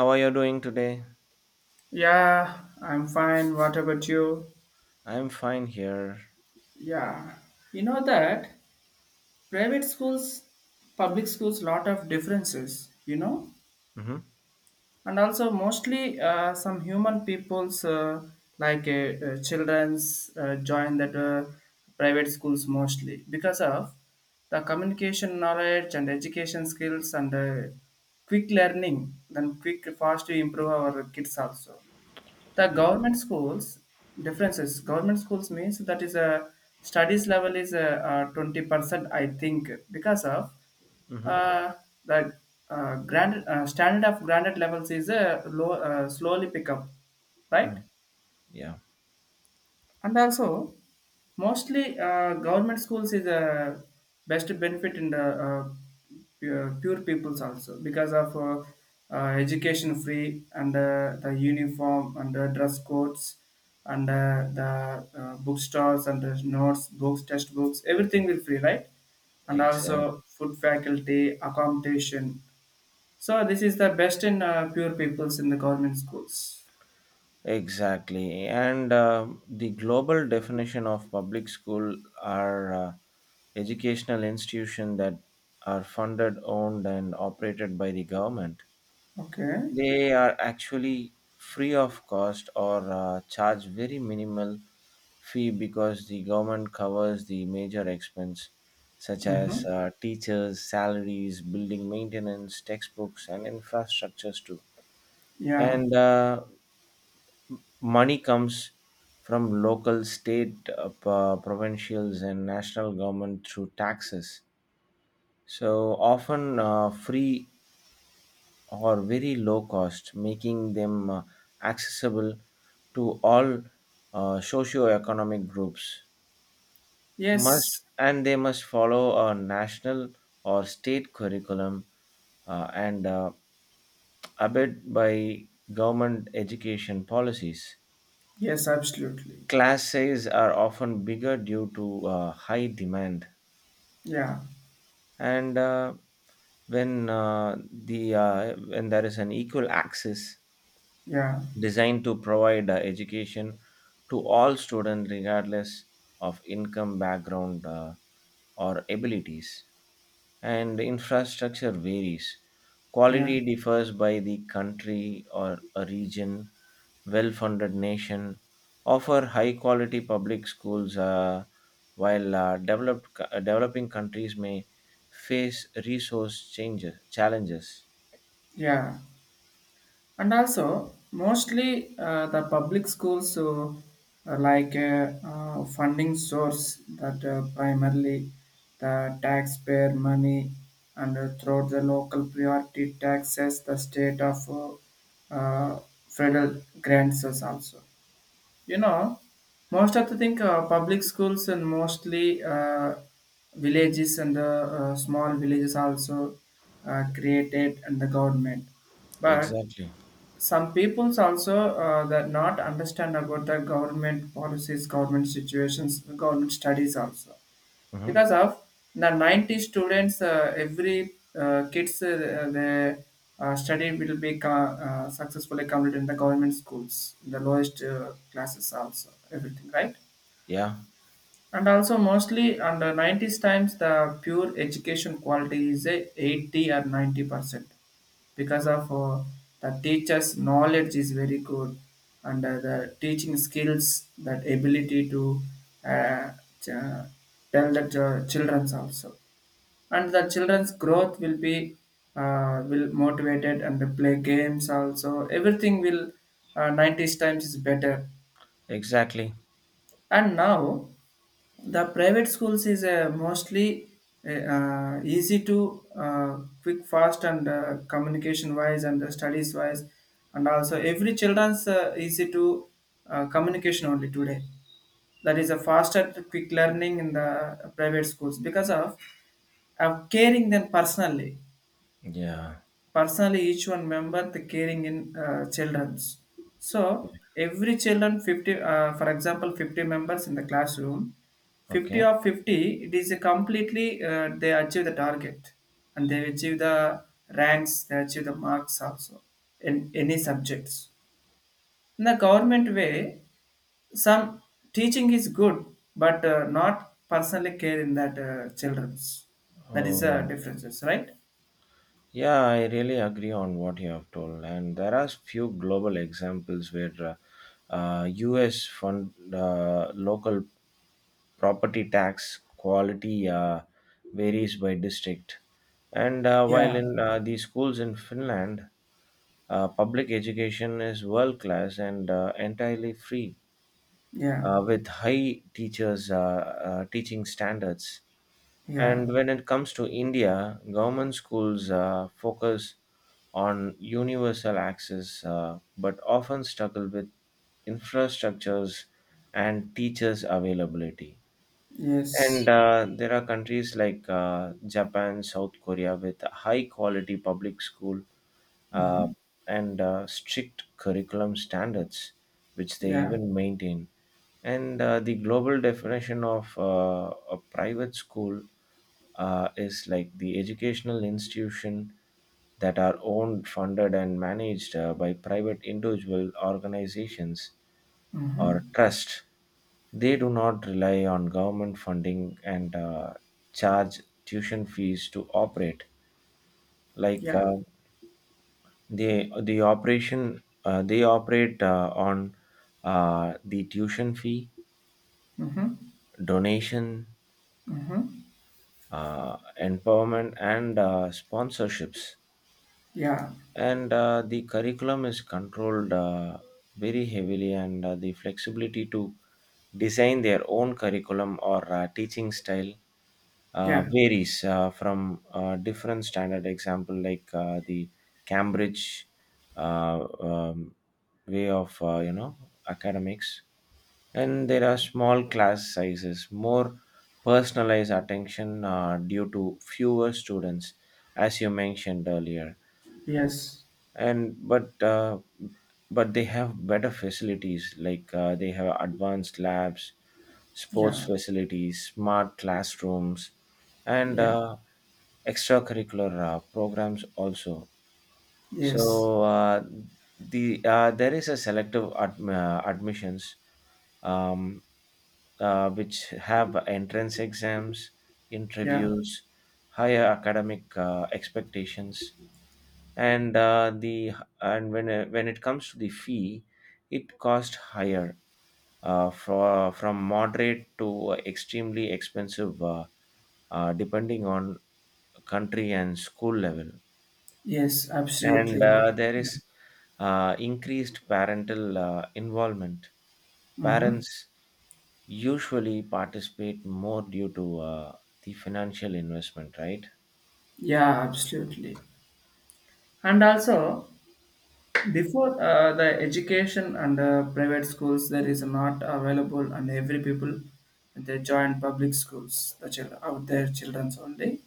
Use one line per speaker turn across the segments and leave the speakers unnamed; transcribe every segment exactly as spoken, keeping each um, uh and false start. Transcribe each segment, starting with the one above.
How are you doing today?
Yeah, I'm fine. What about you?
I'm fine here.
Yeah. You know that private schools, public schools, lot of differences, you know,
Mm-hmm.
and also mostly uh, some human people's uh, like uh, uh, children's uh, join that uh, private schools mostly because of the communication knowledge and education skills and uh, quick learning, then quick fast to improve our kids, also the government schools differences, government schools means that is a studies level is a twenty percent I think, because of
Mm-hmm.
uh, the uh, grand uh, standard of granted levels is a low, uh, slowly pick up, right.
Mm-hmm. Yeah,
And also mostly uh, government schools is a best benefit in the uh, pu- pure peoples also, because of uh, uh, education free and uh, the uniform and the dress codes and uh, the uh, bookstores and the notes books textbooks everything will free, right. And
exactly.
also food faculty accommodation, so this is the best in uh, pure peoples in the government schools.
Exactly. And uh, the global definition of public school are uh, educational institutions that are funded, owned, and operated by the government.
Okay.
They are actually free of cost or uh, charge very minimal fee because the government covers the major expense such
Mm-hmm.
as uh, teachers salaries building maintenance textbooks and infrastructures too,
Yeah.
and uh, money comes from local state uh, pro- provincials and national government through taxes, so often uh, free or very low cost, making them uh, accessible to all uh, socioeconomic groups. Must
Yes.
and they must follow a national or state curriculum, uh, and uh, abide by government education policies.
Yes, absolutely.
Class size are often bigger due to uh, high demand,
Yeah,
and uh, when uh, the uh, when there is an equal access
yeah,
designed to provide uh, education to all students regardless of income background uh, or abilities, and infrastructure varies,
yeah,
quality differs by the country or a region. Well funded nation offer high quality public schools, uh, while uh, developed co- uh, developing countries may face resource changes challenges.
yeah. And also, mostly uh, the public schools, so uh, like a uh, funding source that uh, primarily the taxpayer money and uh, through the local priority taxes, the state of uh, uh, federal grants is also. You know, most of the thing, uh, public schools, and mostly uh, villages and uh, uh, small villages also uh, created and the government. But
Exactly.
some peoples also uh, that not understand about the government policies, government situations, government studies also,
Mhm.
because of the ninety students, uh, every uh, kids, uh, the uh, study will be co- uh, successfully completed in the government schools in the lowest uh, classes also, everything right.
Yeah.
And also mostly under nineties times the pure education quality is a eighty or ninety percent, because of uh, the teacher's knowledge is very good, and uh, the teaching skills that ability to uh, ch- tell the ch- children's also, and the children's growth will be uh, will motivated, and they play games also, everything will uh, nineties times is better.
Exactly.
And now the private schools is uh, mostly uh, uh, easy to uh, quick fast and uh, communication wise and uh, studies wise, and also every children's uh, easy to uh, communication only today. That is a faster quick learning in the private schools, because of of caring them personally,
Yeah.
personally each one member the caring in uh, children's. So every children fifty, uh, for example fifty members in the classroom,
Okay.
fifty of fifty, it is a completely uh, they achieve the target, and they achieve the ranks, they achieve the marks also, in any subjects. In the government way, some teaching is good, but uh, not personally care in that uh, children's. That is the
Oh,
differences, right.
yeah, I really agree on what you have told. And there are few global examples where uh, uh, U S fund uh, local property tax quality uh, varies by district. And uh, while
Yeah,
in uh, the schools in Finland, uh, public education is world class and uh, entirely free,
yeah,
uh, with high teachers uh, uh, teaching standards.
yeah.
And when it comes to India, government schools uh, focus on universal access, uh, but often struggle with infrastructures and teachers' availability. And
Yes.
uh, there are countries like uh, Japan, South Korea with high quality public school, uh,
Mm-hmm.
and uh, strict curriculum standards, which they
Yeah.
even maintain. And uh, the global definition of uh, a private school uh, is like the educational institution that are owned funded and managed uh, by private individual organizations or
Mm-hmm.
trust. They do not rely on government funding, and uh, charge tuition fees to operate. like
Yeah.
uh, they the operation uh, they operate uh, on uh, the tuition fee,
Mm-hmm.
donation,
Mm-hmm.
uh, empowerment and uh, sponsorships.
Yeah.
And uh, the curriculum is controlled uh, very heavily, and uh, the flexibility to design their own curriculum or uh, teaching style uh,
Yeah.
varies uh, from uh, different standard example like uh, the Cambridge, uh, um, way of, uh, you know, academics. And there are small class sizes, more personalized attention uh, due to fewer students, as you mentioned earlier.
Yes.
And but uh, but they have better facilities like uh, they have advanced labs, sports
Yeah.
facilities, smart classrooms, and
Yeah.
uh, extracurricular uh, programs also.
Yes.
So uh, the uh, there is a selective ad- uh, admissions, um, uh, which have entrance exams,
Yeah.
interviews, higher academic uh, expectations, and uh, the and when uh, when it comes to the fee, it cost higher, uh, for, from moderate to extremely expensive, uh, uh, depending on country and school level.
Yes.
And
Absolutely.
uh, there
Yeah.
is uh, increased parental uh, involvement.
Mm-hmm.
Parents usually participate more due to uh, the financial investment, right?
Yeah. Absolutely. And also, before uh, the education and uh, private schools, there is not available, and every people they join public schools, the chil- out their childrens only,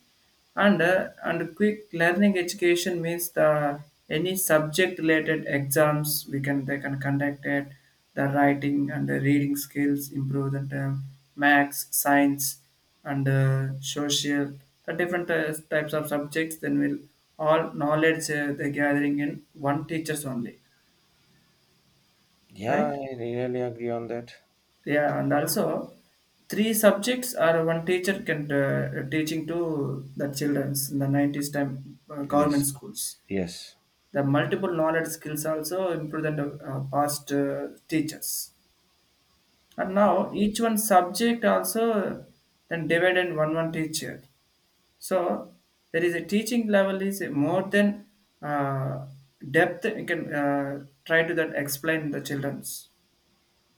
and uh, and quick learning education means the any subject related exams we can they can conduct it, the writing and the reading skills improve the term, max science and uh, social, the different uh, types of subjects, then we'll all knowledge uh, they're gathering in one teacher's only,
Yeah,
right?
I really agree on that.
Yeah, and also three subjects or one teacher can uh, teaching to the childrens in the nineties time uh, government
Yes,
schools.
yes,
The multiple knowledge skills also improve than the uh, past uh, teachers. And now each one subject also then divided in one one teacher. So there is a teaching level is more than uh, depth. You can uh, try to that explain the childrens.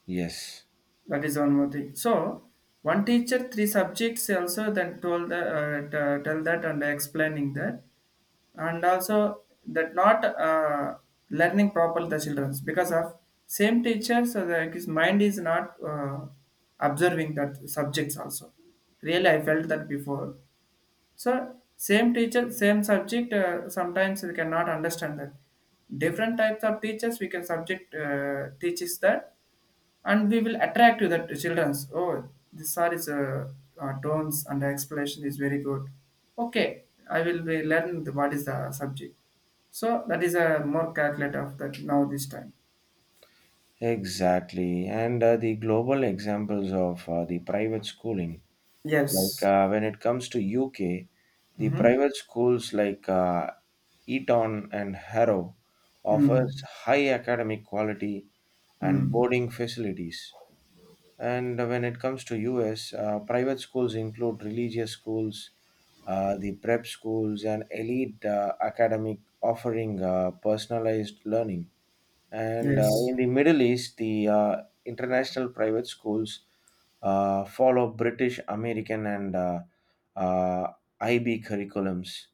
yes,
That is one more thing. So one teacher, three subjects, also then told the, uh, t- tell that and explaining that, and also that not uh, learning properly the childrens, because of same teacher. So that his mind is not uh, observing that subjects also. Really, I felt that before. So same teacher, same subject. Uh, sometimes we cannot understand that. Different types of teachers we can subject uh, teaches that, and we will attract to that childrens. Oh, this are is uh, uh, tones and explanation is very good. Okay, I will be learn the, what is the subject. So that is a more calculate of that now this time.
exactly. And uh, the global examples of uh, the private schooling. Like
Yes.
uh, when it comes to U K, the
Mm-hmm.
private schools like uh, Eton and Harrow offers
Mm.
high academic quality and
Mm.
boarding facilities. And when it comes to U S, uh, private schools include religious schools, uh, the prep schools, and elite uh, academic offering uh, personalized learning. And uh,
Yes.
in the Middle East, the uh, international private schools uh, follow British, American, and uh, uh, I B curriculums.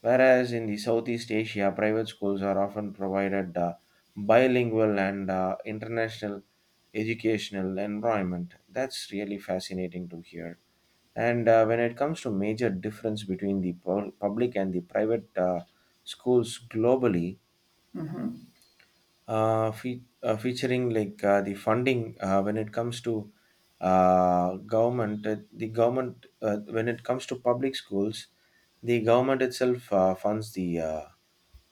Whereas in the Southeast Asia, private schools are often provided uh, bilingual and uh, international educational environment. That's really fascinating to hear. And uh, when it comes to major difference between the pub- public and the private uh, schools globally,
Mm-hmm.
uh, fe- uh, featuring like uh, the funding, uh, when it comes to uh, government uh, the government uh, when it comes to public schools, the government itself uh, funds the uh,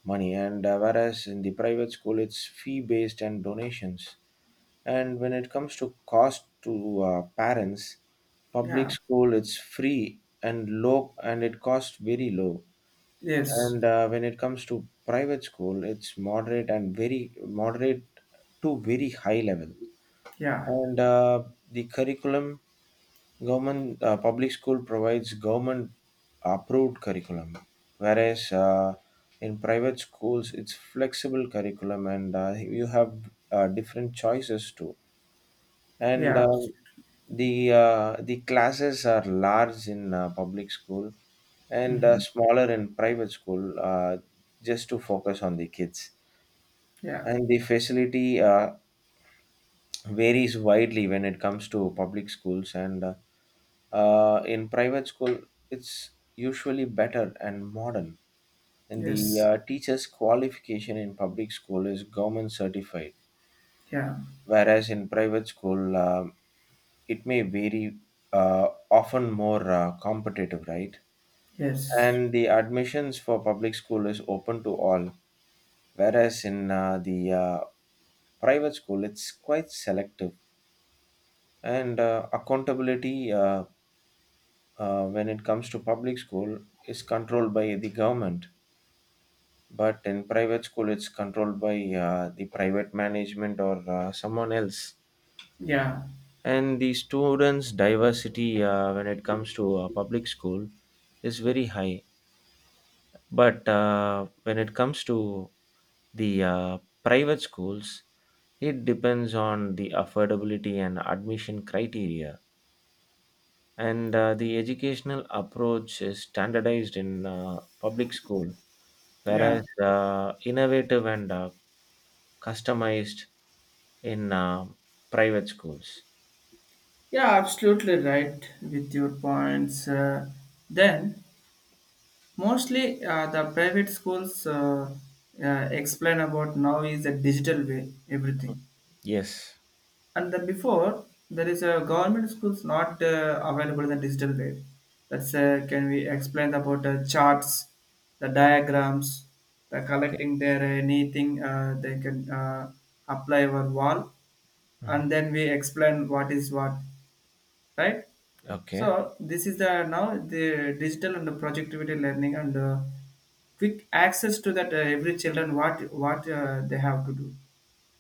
money, and uh, whereas in the private school it's fee based and donations. And when it comes to cost to uh, parents, public
Yeah.
school it's free and low, and it costs very low.
Yes.
And uh, when it comes to private school, it's moderate and very moderate to very high level.
Yeah.
And uh, the curriculum, government uh, public school provides government approved curriculum, whereas uh, in private schools it's flexible curriculum, and uh, you have uh, different choices too. And
Yeah.
uh, the uh, the classes are large in uh, public school and uh,
Mhm.
smaller in private school, uh, just to focus on the kids.
Yeah.
And the facility uh, varies widely when it comes to public schools, and uh, uh, in private school it's usually better and modern. And the
Yes.
uh, teacher's qualification in public school is government certified,
Yeah.
whereas in private school, um, it may vary, uh, often more uh, competitive, right?
Yes.
And the admissions for public school is open to all, whereas in uh, the uh, private school it's quite selective. And uh, accountability, uh, uh, when it comes to public school, is controlled by the government, but in private school it's controlled by uh, the private management or uh, someone else.
Yeah.
And the students diversity, uh, when it comes to uh, public school, is very high, but uh, when it comes to the uh, private schools, it depends on the affordability and admission criteria. And uh, the educational approach is standardized in uh, public school,
Yeah.
whereas uh, innovative and uh, customized in uh, private schools.
Yeah. Absolutely right with your points. Uh, then mostly uh, the private schools uh, uh, explain about now is a digital way everything.
Yes.
And then before there is a government schools not uh, available in the digital way. That's uh, can we explain about the charts, the diagrams, the
Okay.
collecting their anything uh, they can uh, apply on wall, and
Mhm.
then we explain what is what, right. So
Okay.
this is the now the digital and the projectivity learning and uh, quick access to that uh, every children what what uh, they have to do.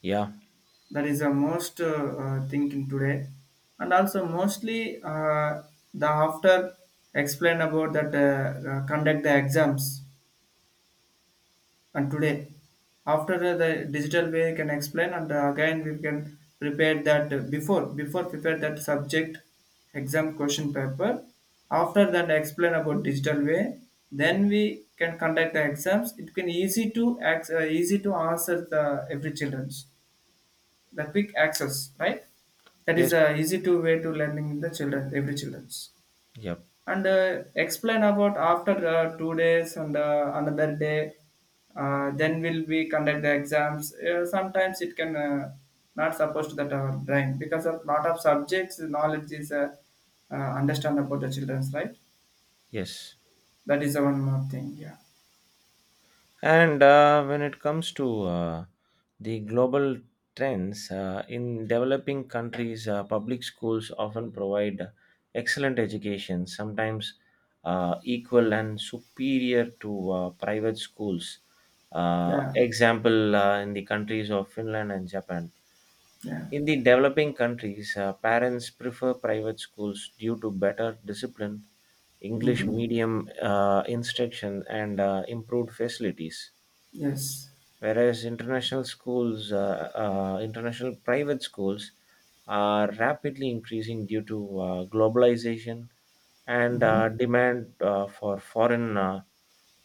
Yeah.
That is the most uh, uh, thinking today. And also mostly uh, the after explain about that uh, uh, conduct the exams, and today after the the digital way can explain, and uh, again we can prepare that uh, before before prepare that subject exam question paper, after that explain about digital way, then we can conduct the exams, it can easy to ac- uh, easy to answer the every children's, the quick access, right. That is
Yes.
a easy to way to learning in the children every children's.
Yep.
And uh, explain about after uh, two days and uh, another day, uh, then will we conduct the exams, uh, sometimes it can uh, not supposed to that our brain, because of lot of subjects knowledge is uh, uh, understand about the children's, right.
Yes.
That is the one more thing, yeah.
And uh, when it comes to uh, the global trends, uh, in developing countries, uh, public schools often provide excellent education, sometimes uh, equal and superior to uh, private schools. Uh,
Yeah,
example uh, in the countries of Finland and Japan.
yeah.
In the developing countries, uh, parents prefer private schools due to better discipline, English
Mm-hmm.
medium uh, instruction, and uh, improved facilities.
Yes.
Whereas international schools, uh, uh, international private schools, are rapidly increasing due to uh, globalization and
Mm-hmm.
uh, demand uh, for foreign uh,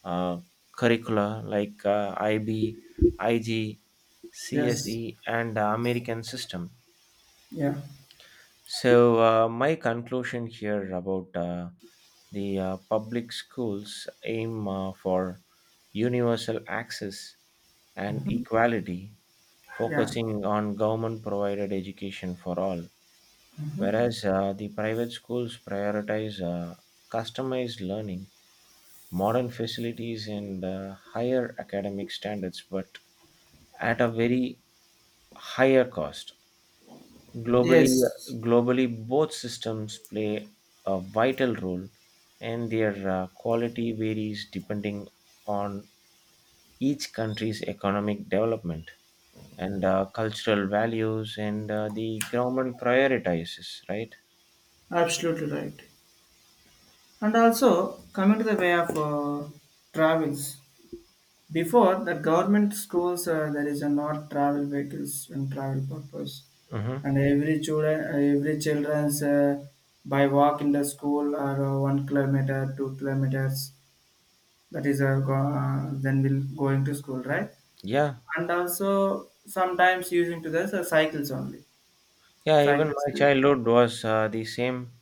uh, curricula like uh, I B, I G,
Yes.
and uh, American system.
Yeah.
So, uh, my conclusion here about uh, the uh, public schools aim uh, for universal access and equality,
Yeah.
focusing on government provided education for all,
Mm-hmm.
whereas uh, the private schools prioritize uh, customized learning, modern facilities, and uh, higher academic standards, but at a very higher cost. Globally,
Yes.
globally, both systems play a vital role, and their uh, quality varies depending on each country's economic development and uh, cultural values and uh, the government prioritizes. Right?
Absolutely right. And also, coming to the way of uh, travels, before the government schools, uh, there is a not travel vehicles and travel purpose.
Mm-hmm.
And every children, every children's uh, by walk in the school, or uh, one kilometer, two kilometers. That is uh, go, uh, then we'll going to school, right?
Yeah,
And also sometimes using to this uh, cycles only.
yeah. Even
Cycles.
my
uh,
childhood was uh, the same.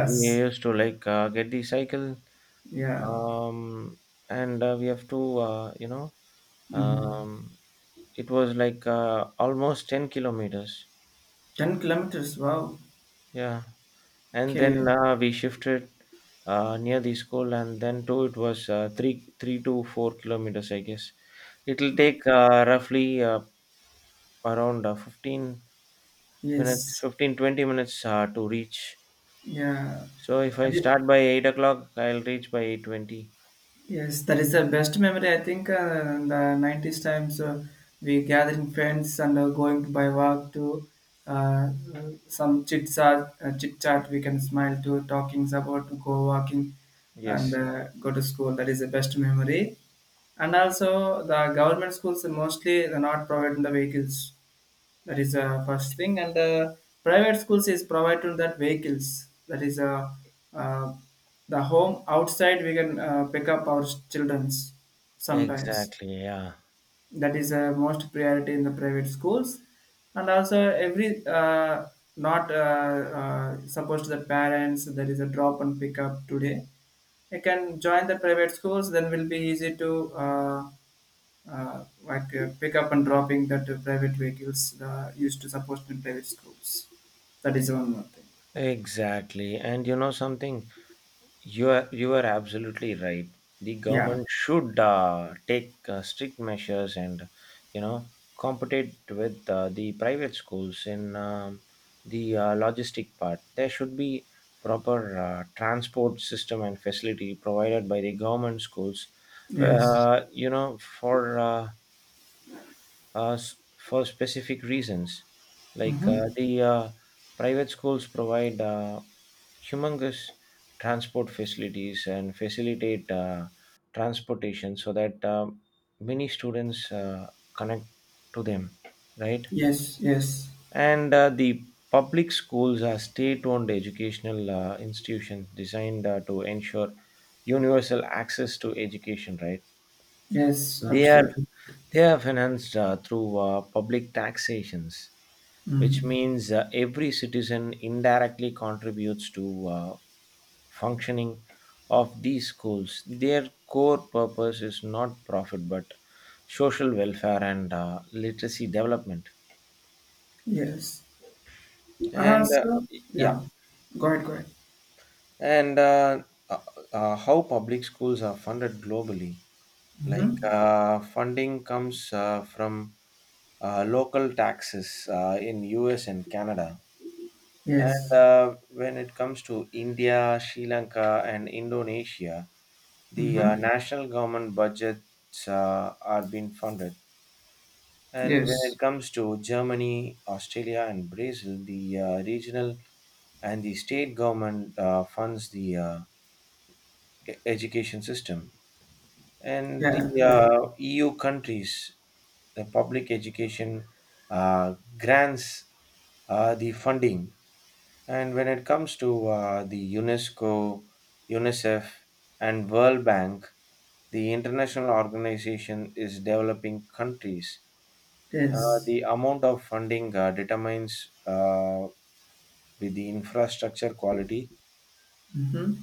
We used to like uh, get the cycle,
Yeah.
um, and uh, we have to, uh, you know,
Mm.
um, it was like uh, almost ten kilometers.
Ten kilometers. Wow.
Yeah, and
Okay.
then uh, we shifted uh, near the school, and then too it was uh, three three to four kilometers, I guess. It'll take uh, roughly uh, around uh, fifteen minutes,
Yes.
fifteen twenty minutes uh, to reach.
Yeah.
So if I
That is,
start by eight o'clock, I'll reach by eight twenty.
yes, that is the best memory. I think uh, in the nineties times, uh, we gathering friends and uh, going to by walk to uh, uh, some chit chat. Uh, chit chat we can smile to talking about to go walking and
Yes.
uh, go to school. That is the best memory. And also the government schools are mostly they're not providing the vehicles. That is the first thing. And uh, private schools is provided that vehicles. That is uh, uh, the home outside we can uh, pick up our childrens sometimes.
Exactly, yeah.
That is uh, most priority in the private schools. And also every uh, not uh, uh, supposed to the parents there is a drop and pick up today. You can join the private schools, then will be easy to. Uh, uh, like uh, pick up and dropping that uh, private vehicles uh, used to support in private schools. That is one more thing.
Exactly. And you know something? You are, you are absolutely right. The
Yeah.
government should uh, take uh, strict measures and, you know, compete with uh, the private schools in um, the uh, logistic part. There should be proper uh, transport system and facility provided by the government schools,
Yes.
uh, you know, for uh, uh, s- for specific reasons. Like uh,
Hmm.
the uh, private schools provide uh, humongous transport facilities and facilitate uh, transportation so that uh, many students uh, connect to them, right?
Yes. Yes.
And uh, the public schools are state-owned educational uh, institutions designed uh, to ensure universal access to education, right?
Yes.
they are
Absolutely.
they are financed uh, through uh, public taxations, which
Mm.
means uh, every citizen indirectly contributes to uh, functioning of these schools. Their core purpose is not profit but social welfare and uh, literacy development.
Yes. And
And uh,
also,
yeah,
yeah. Go ahead. Go ahead.
and uh, uh, uh, how public schools are funded globally. Like
Mm-hmm.
uh, funding comes uh, from uh, local taxes uh, in U S and Canada. And
Yes.
uh, when it comes to India, Sri Lanka, and Indonesia, the uh,
Mm-hmm.
national government budgets uh, are being funded. And when
Yes.
it comes to Germany, Australia, and Brazil, the uh, regional and the state government uh, funds the uh, e- education system. And the
Yeah. Right.
uh, E U countries, the public education uh, grants uh, the funding. And when it comes to uh, the UNESCO, UNICEF, and World Bank, the international organization is developing countries. Uh,
Yes.
the amount of funding uh, determines uh, with the infrastructure quality,
Mm-hmm.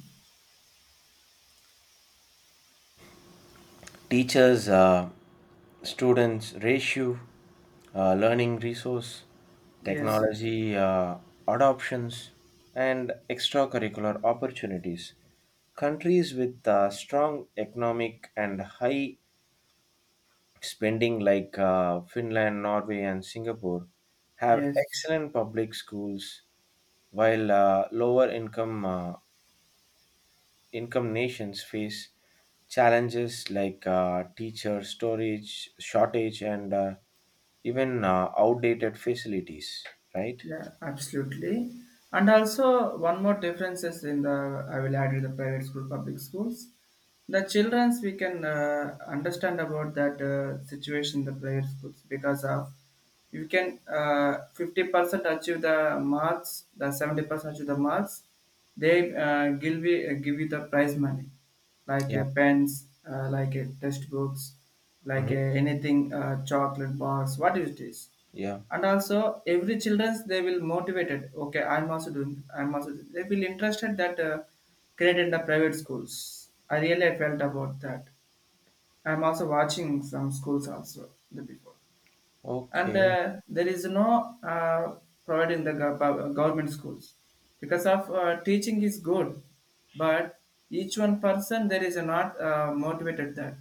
teachers uh, students ratio, uh, learning resource,
Yes. Yes.
technology uh, adoptions, and extracurricular opportunities. Countries with uh, strong economic and high spending like uh, Finland, Norway and Singapore have
Yes.
excellent public schools, while uh, lower income uh, income nations face challenges like uh, teacher storage shortage and uh, even uh, outdated facilities, right?
Yeah, absolutely. And also, one more difference is in the I will add in the private school, public schools. The childrens we can uh, understand about that uh, situation in the private schools, because of you can uh, fifty percent achieve the marks, the seventy percent achieve the marks. They uh, give, you- uh, give you the prize money, like
Yeah.
uh, pens, uh, like uh, test books, like
Mhm.
uh, anything, uh, chocolate bars, what it is.
Yeah.
And also every childrens they will motivated, okay, I'm also doing, I'm also doing. They will interested that uh, created in the private schools, I really felt about that. I'm also watching some schools also the before, and
Okay.
uh, there is no uh, providing the gov- gov- government schools, because of uh, teaching is good, but each one person there is not uh, motivated that.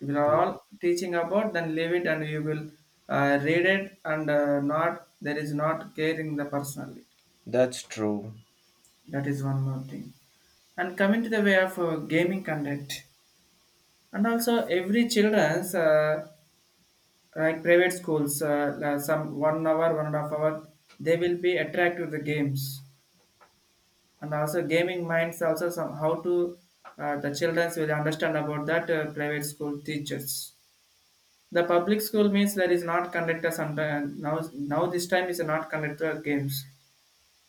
If you are all teaching about, then leave it, and you will uh, read it, and uh, not, there is not caring the personally.
That's true.
That is one more thing. And coming to the way of uh, gaming conduct. And also every children's, uh, like private schools, uh, la- some one hour, one and a half hour, they will be attracted to the games. And also gaming minds also some how to uh, the childrens will understand about that uh, private school teachers. The public school means there is not conductor sometime, now now this time is not conductor games.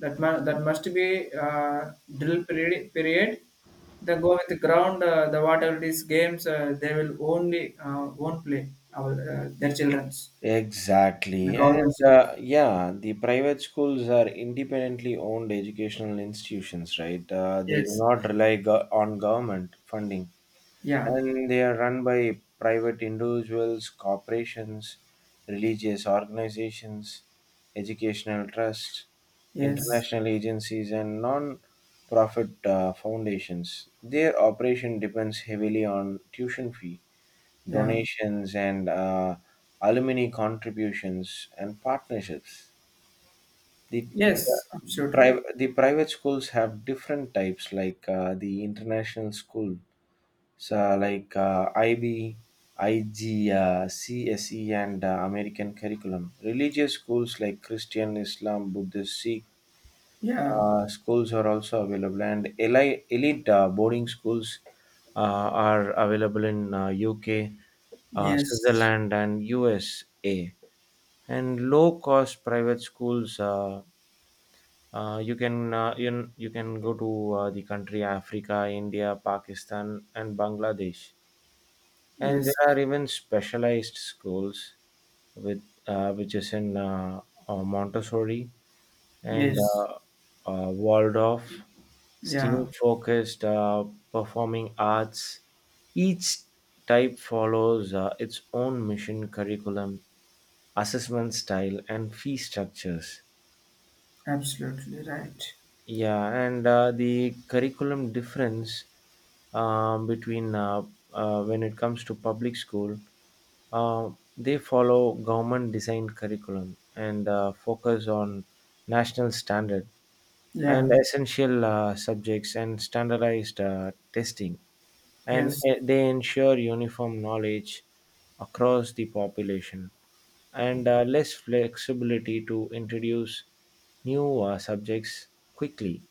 That mu- that must be uh, drill period period. They go with the ground. Uh, the whatever these games uh, they will only uh, won't play our uh, their childrens the
Exactly. And
governments.
uh, yeah, the private schools are independently owned educational institutions, right? Uh, they do
Yes.
not rely go- on government funding,
Yeah.
and they are run by private individuals, corporations, religious organizations, educational trusts,
Yes.
international agencies, and non-profit uh, foundations. Their operation depends heavily on tuition fee,
Yeah.
donations, and uh, alumni contributions and partnerships. The, the,
Yes. Absolutely.
private, the private schools have different types, like uh, the international school so like uh, I B, I G, uh, C S E, and uh, American curriculum. Religious schools like Christian, Islam, Buddhist, Sikh
Yeah.
uh, schools are also available, and elite, elite uh, boarding schools uh, are available in uh, U K, uh,
Yes.
Switzerland, and U S A. And low cost private schools. Uh, uh, you can uh, you, you can go to uh, the country Africa, India, Pakistan, and Bangladesh. And
Yes.
there are even specialized schools with uh, which is in uh, uh, Montessori and
Yes.
uh, uh, Waldorf, STEAM
Yeah.
focused uh, performing arts. Each type follows uh, its own mission curriculum, assessment style, and fee structures.
Absolutely right.
Yeah, and uh, the curriculum difference um, between uh, uh, when it comes to public school, uh, they follow government designed curriculum and uh, focus on national standard
Yeah.
and essential uh, subjects and standardized uh, testing, and
Yes.
uh, they ensure uniform knowledge across the population and uh, less flexibility to introduce new uh, subjects quickly.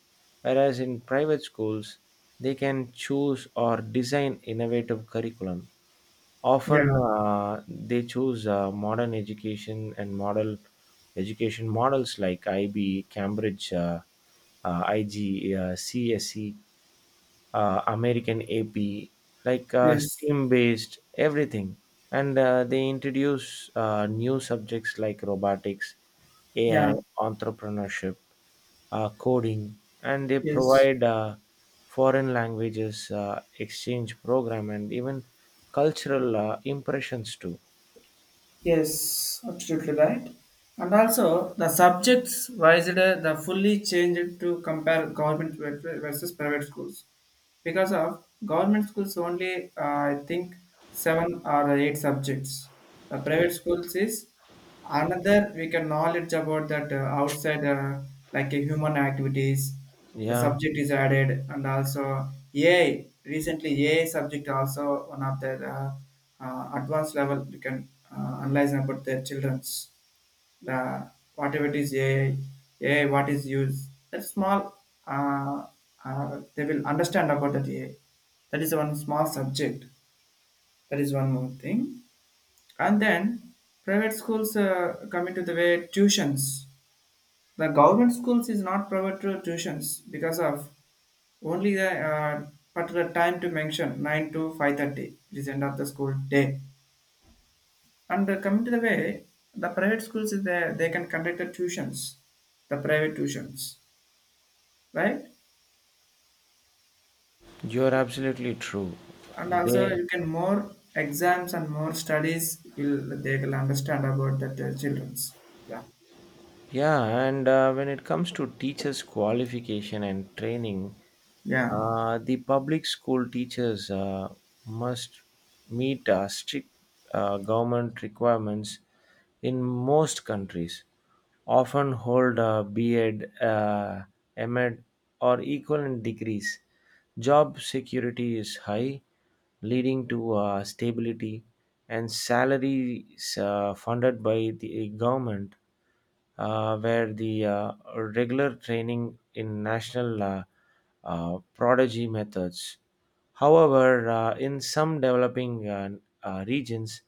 Whereas in private schools, they can choose or design innovative curriculum. Often
Yeah.
uh, they choose uh, modern education and model education models like I B, Cambridge, uh, uh, IG, uh, CSE, uh, American AP, like uh,
Yes,
STEAM based, everything. And uh, they introduce uh, new subjects like robotics, A I,
yeah,
entrepreneurship, uh, coding, and they
yes,
provide uh, foreign languages uh, exchange program and even cultural uh, impressions too.
yes, absolutely right. And also, the subjects wisely the fully changed to compare government ver- versus private schools. Because of government schools only uh, I think seven or eight subjects, the
Yeah,
private schools is another we can knowledge about that uh, outside, uh, like uh, human activities, the
yeah,
subject is added. And also AI, recently AI subject also, one of the uh, uh, advanced level, we can uh, analyze about their children's, the whatever it is A I, what is used. That small, uh, uh, they will understand about that A I. That is one small subject. That is one more thing. And then private schools uh, come into the way tuitions. The government schools is not private to tuitions, because of only the uh, particular time to mention nine to five thirty. It is end of the school day. And uh, coming to the way, the private schools is there, they can conduct the tuitions, the private tuitions, right?
you're absolutely true.
And also
They.
you can more exams and more studies will they will understand about that uh, childrens. Yeah,
Yeah, and uh, when it comes to teachers' qualification and training,
yeah,
uh, the public school teachers uh, must meet uh, strict uh, government requirements in most countries, often hold a B.Ed, uh, M.Ed, or equivalent degrees. Job security is high, leading to uh, stability, and salaries uh, funded by the government, uh, where the uh, regular training in national uh, uh, prodigy methods. However, uh, in some developing uh, uh, regions,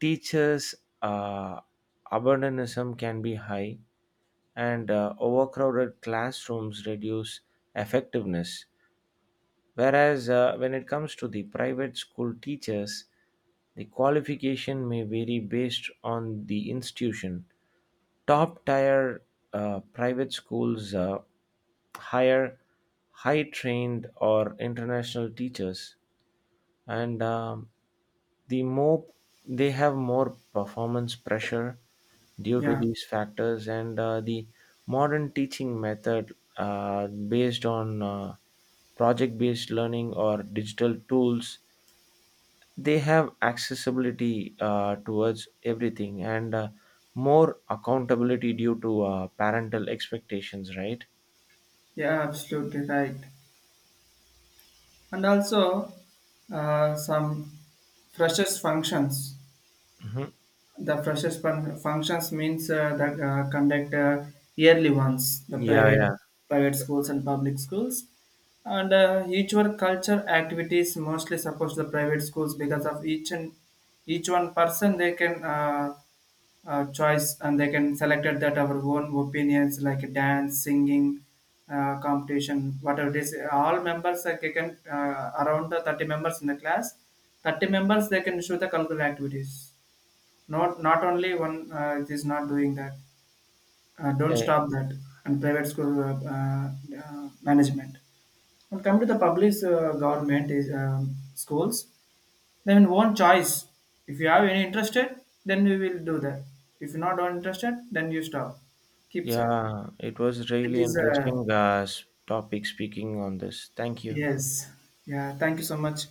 teachers' uh, abandonism can be high, and uh, overcrowded classrooms reduce effectiveness. Whereas uh, when it comes to the private school teachers, the qualification may vary based on the institution. Top tier uh, private schools uh, hire high trained or international teachers, and um, the more they have more performance pressure due to
yeah,
these factors, and uh, the modern teaching method uh, based on uh, project based learning or digital tools, they have accessibility uh, towards everything, and uh, more accountability due to uh, parental expectations, right?
yeah, absolutely right. And also uh, some freshers functions.
Hmm.
The freshers fun- functions means uh, the uh, conduct uh, yearly ones, the
Yeah,
private
yeah.
private schools and public schools, and uh, each one culture activities mostly supports the private schools, because of each and each one person they can uh, uh, choice and they can selected that our own opinions, like dance, singing, uh, competition, whatever it is. All members uh, they can uh, around the thirty members in the class. Thirty members they can show the cultural activities. Not not only one uh, it is not doing that. Uh, don't
Eh.
stop that. And private school uh, uh, uh, management. When come to the public uh, government is um, schools, then one choice. If you have any interested, then we will do that. If you're not interested, then you stop. Keep that.
Yeah, it was
It
really
is uh,
interesting uh, s- topic speaking on this. Thank you.
yes. Yeah. Thank you so much.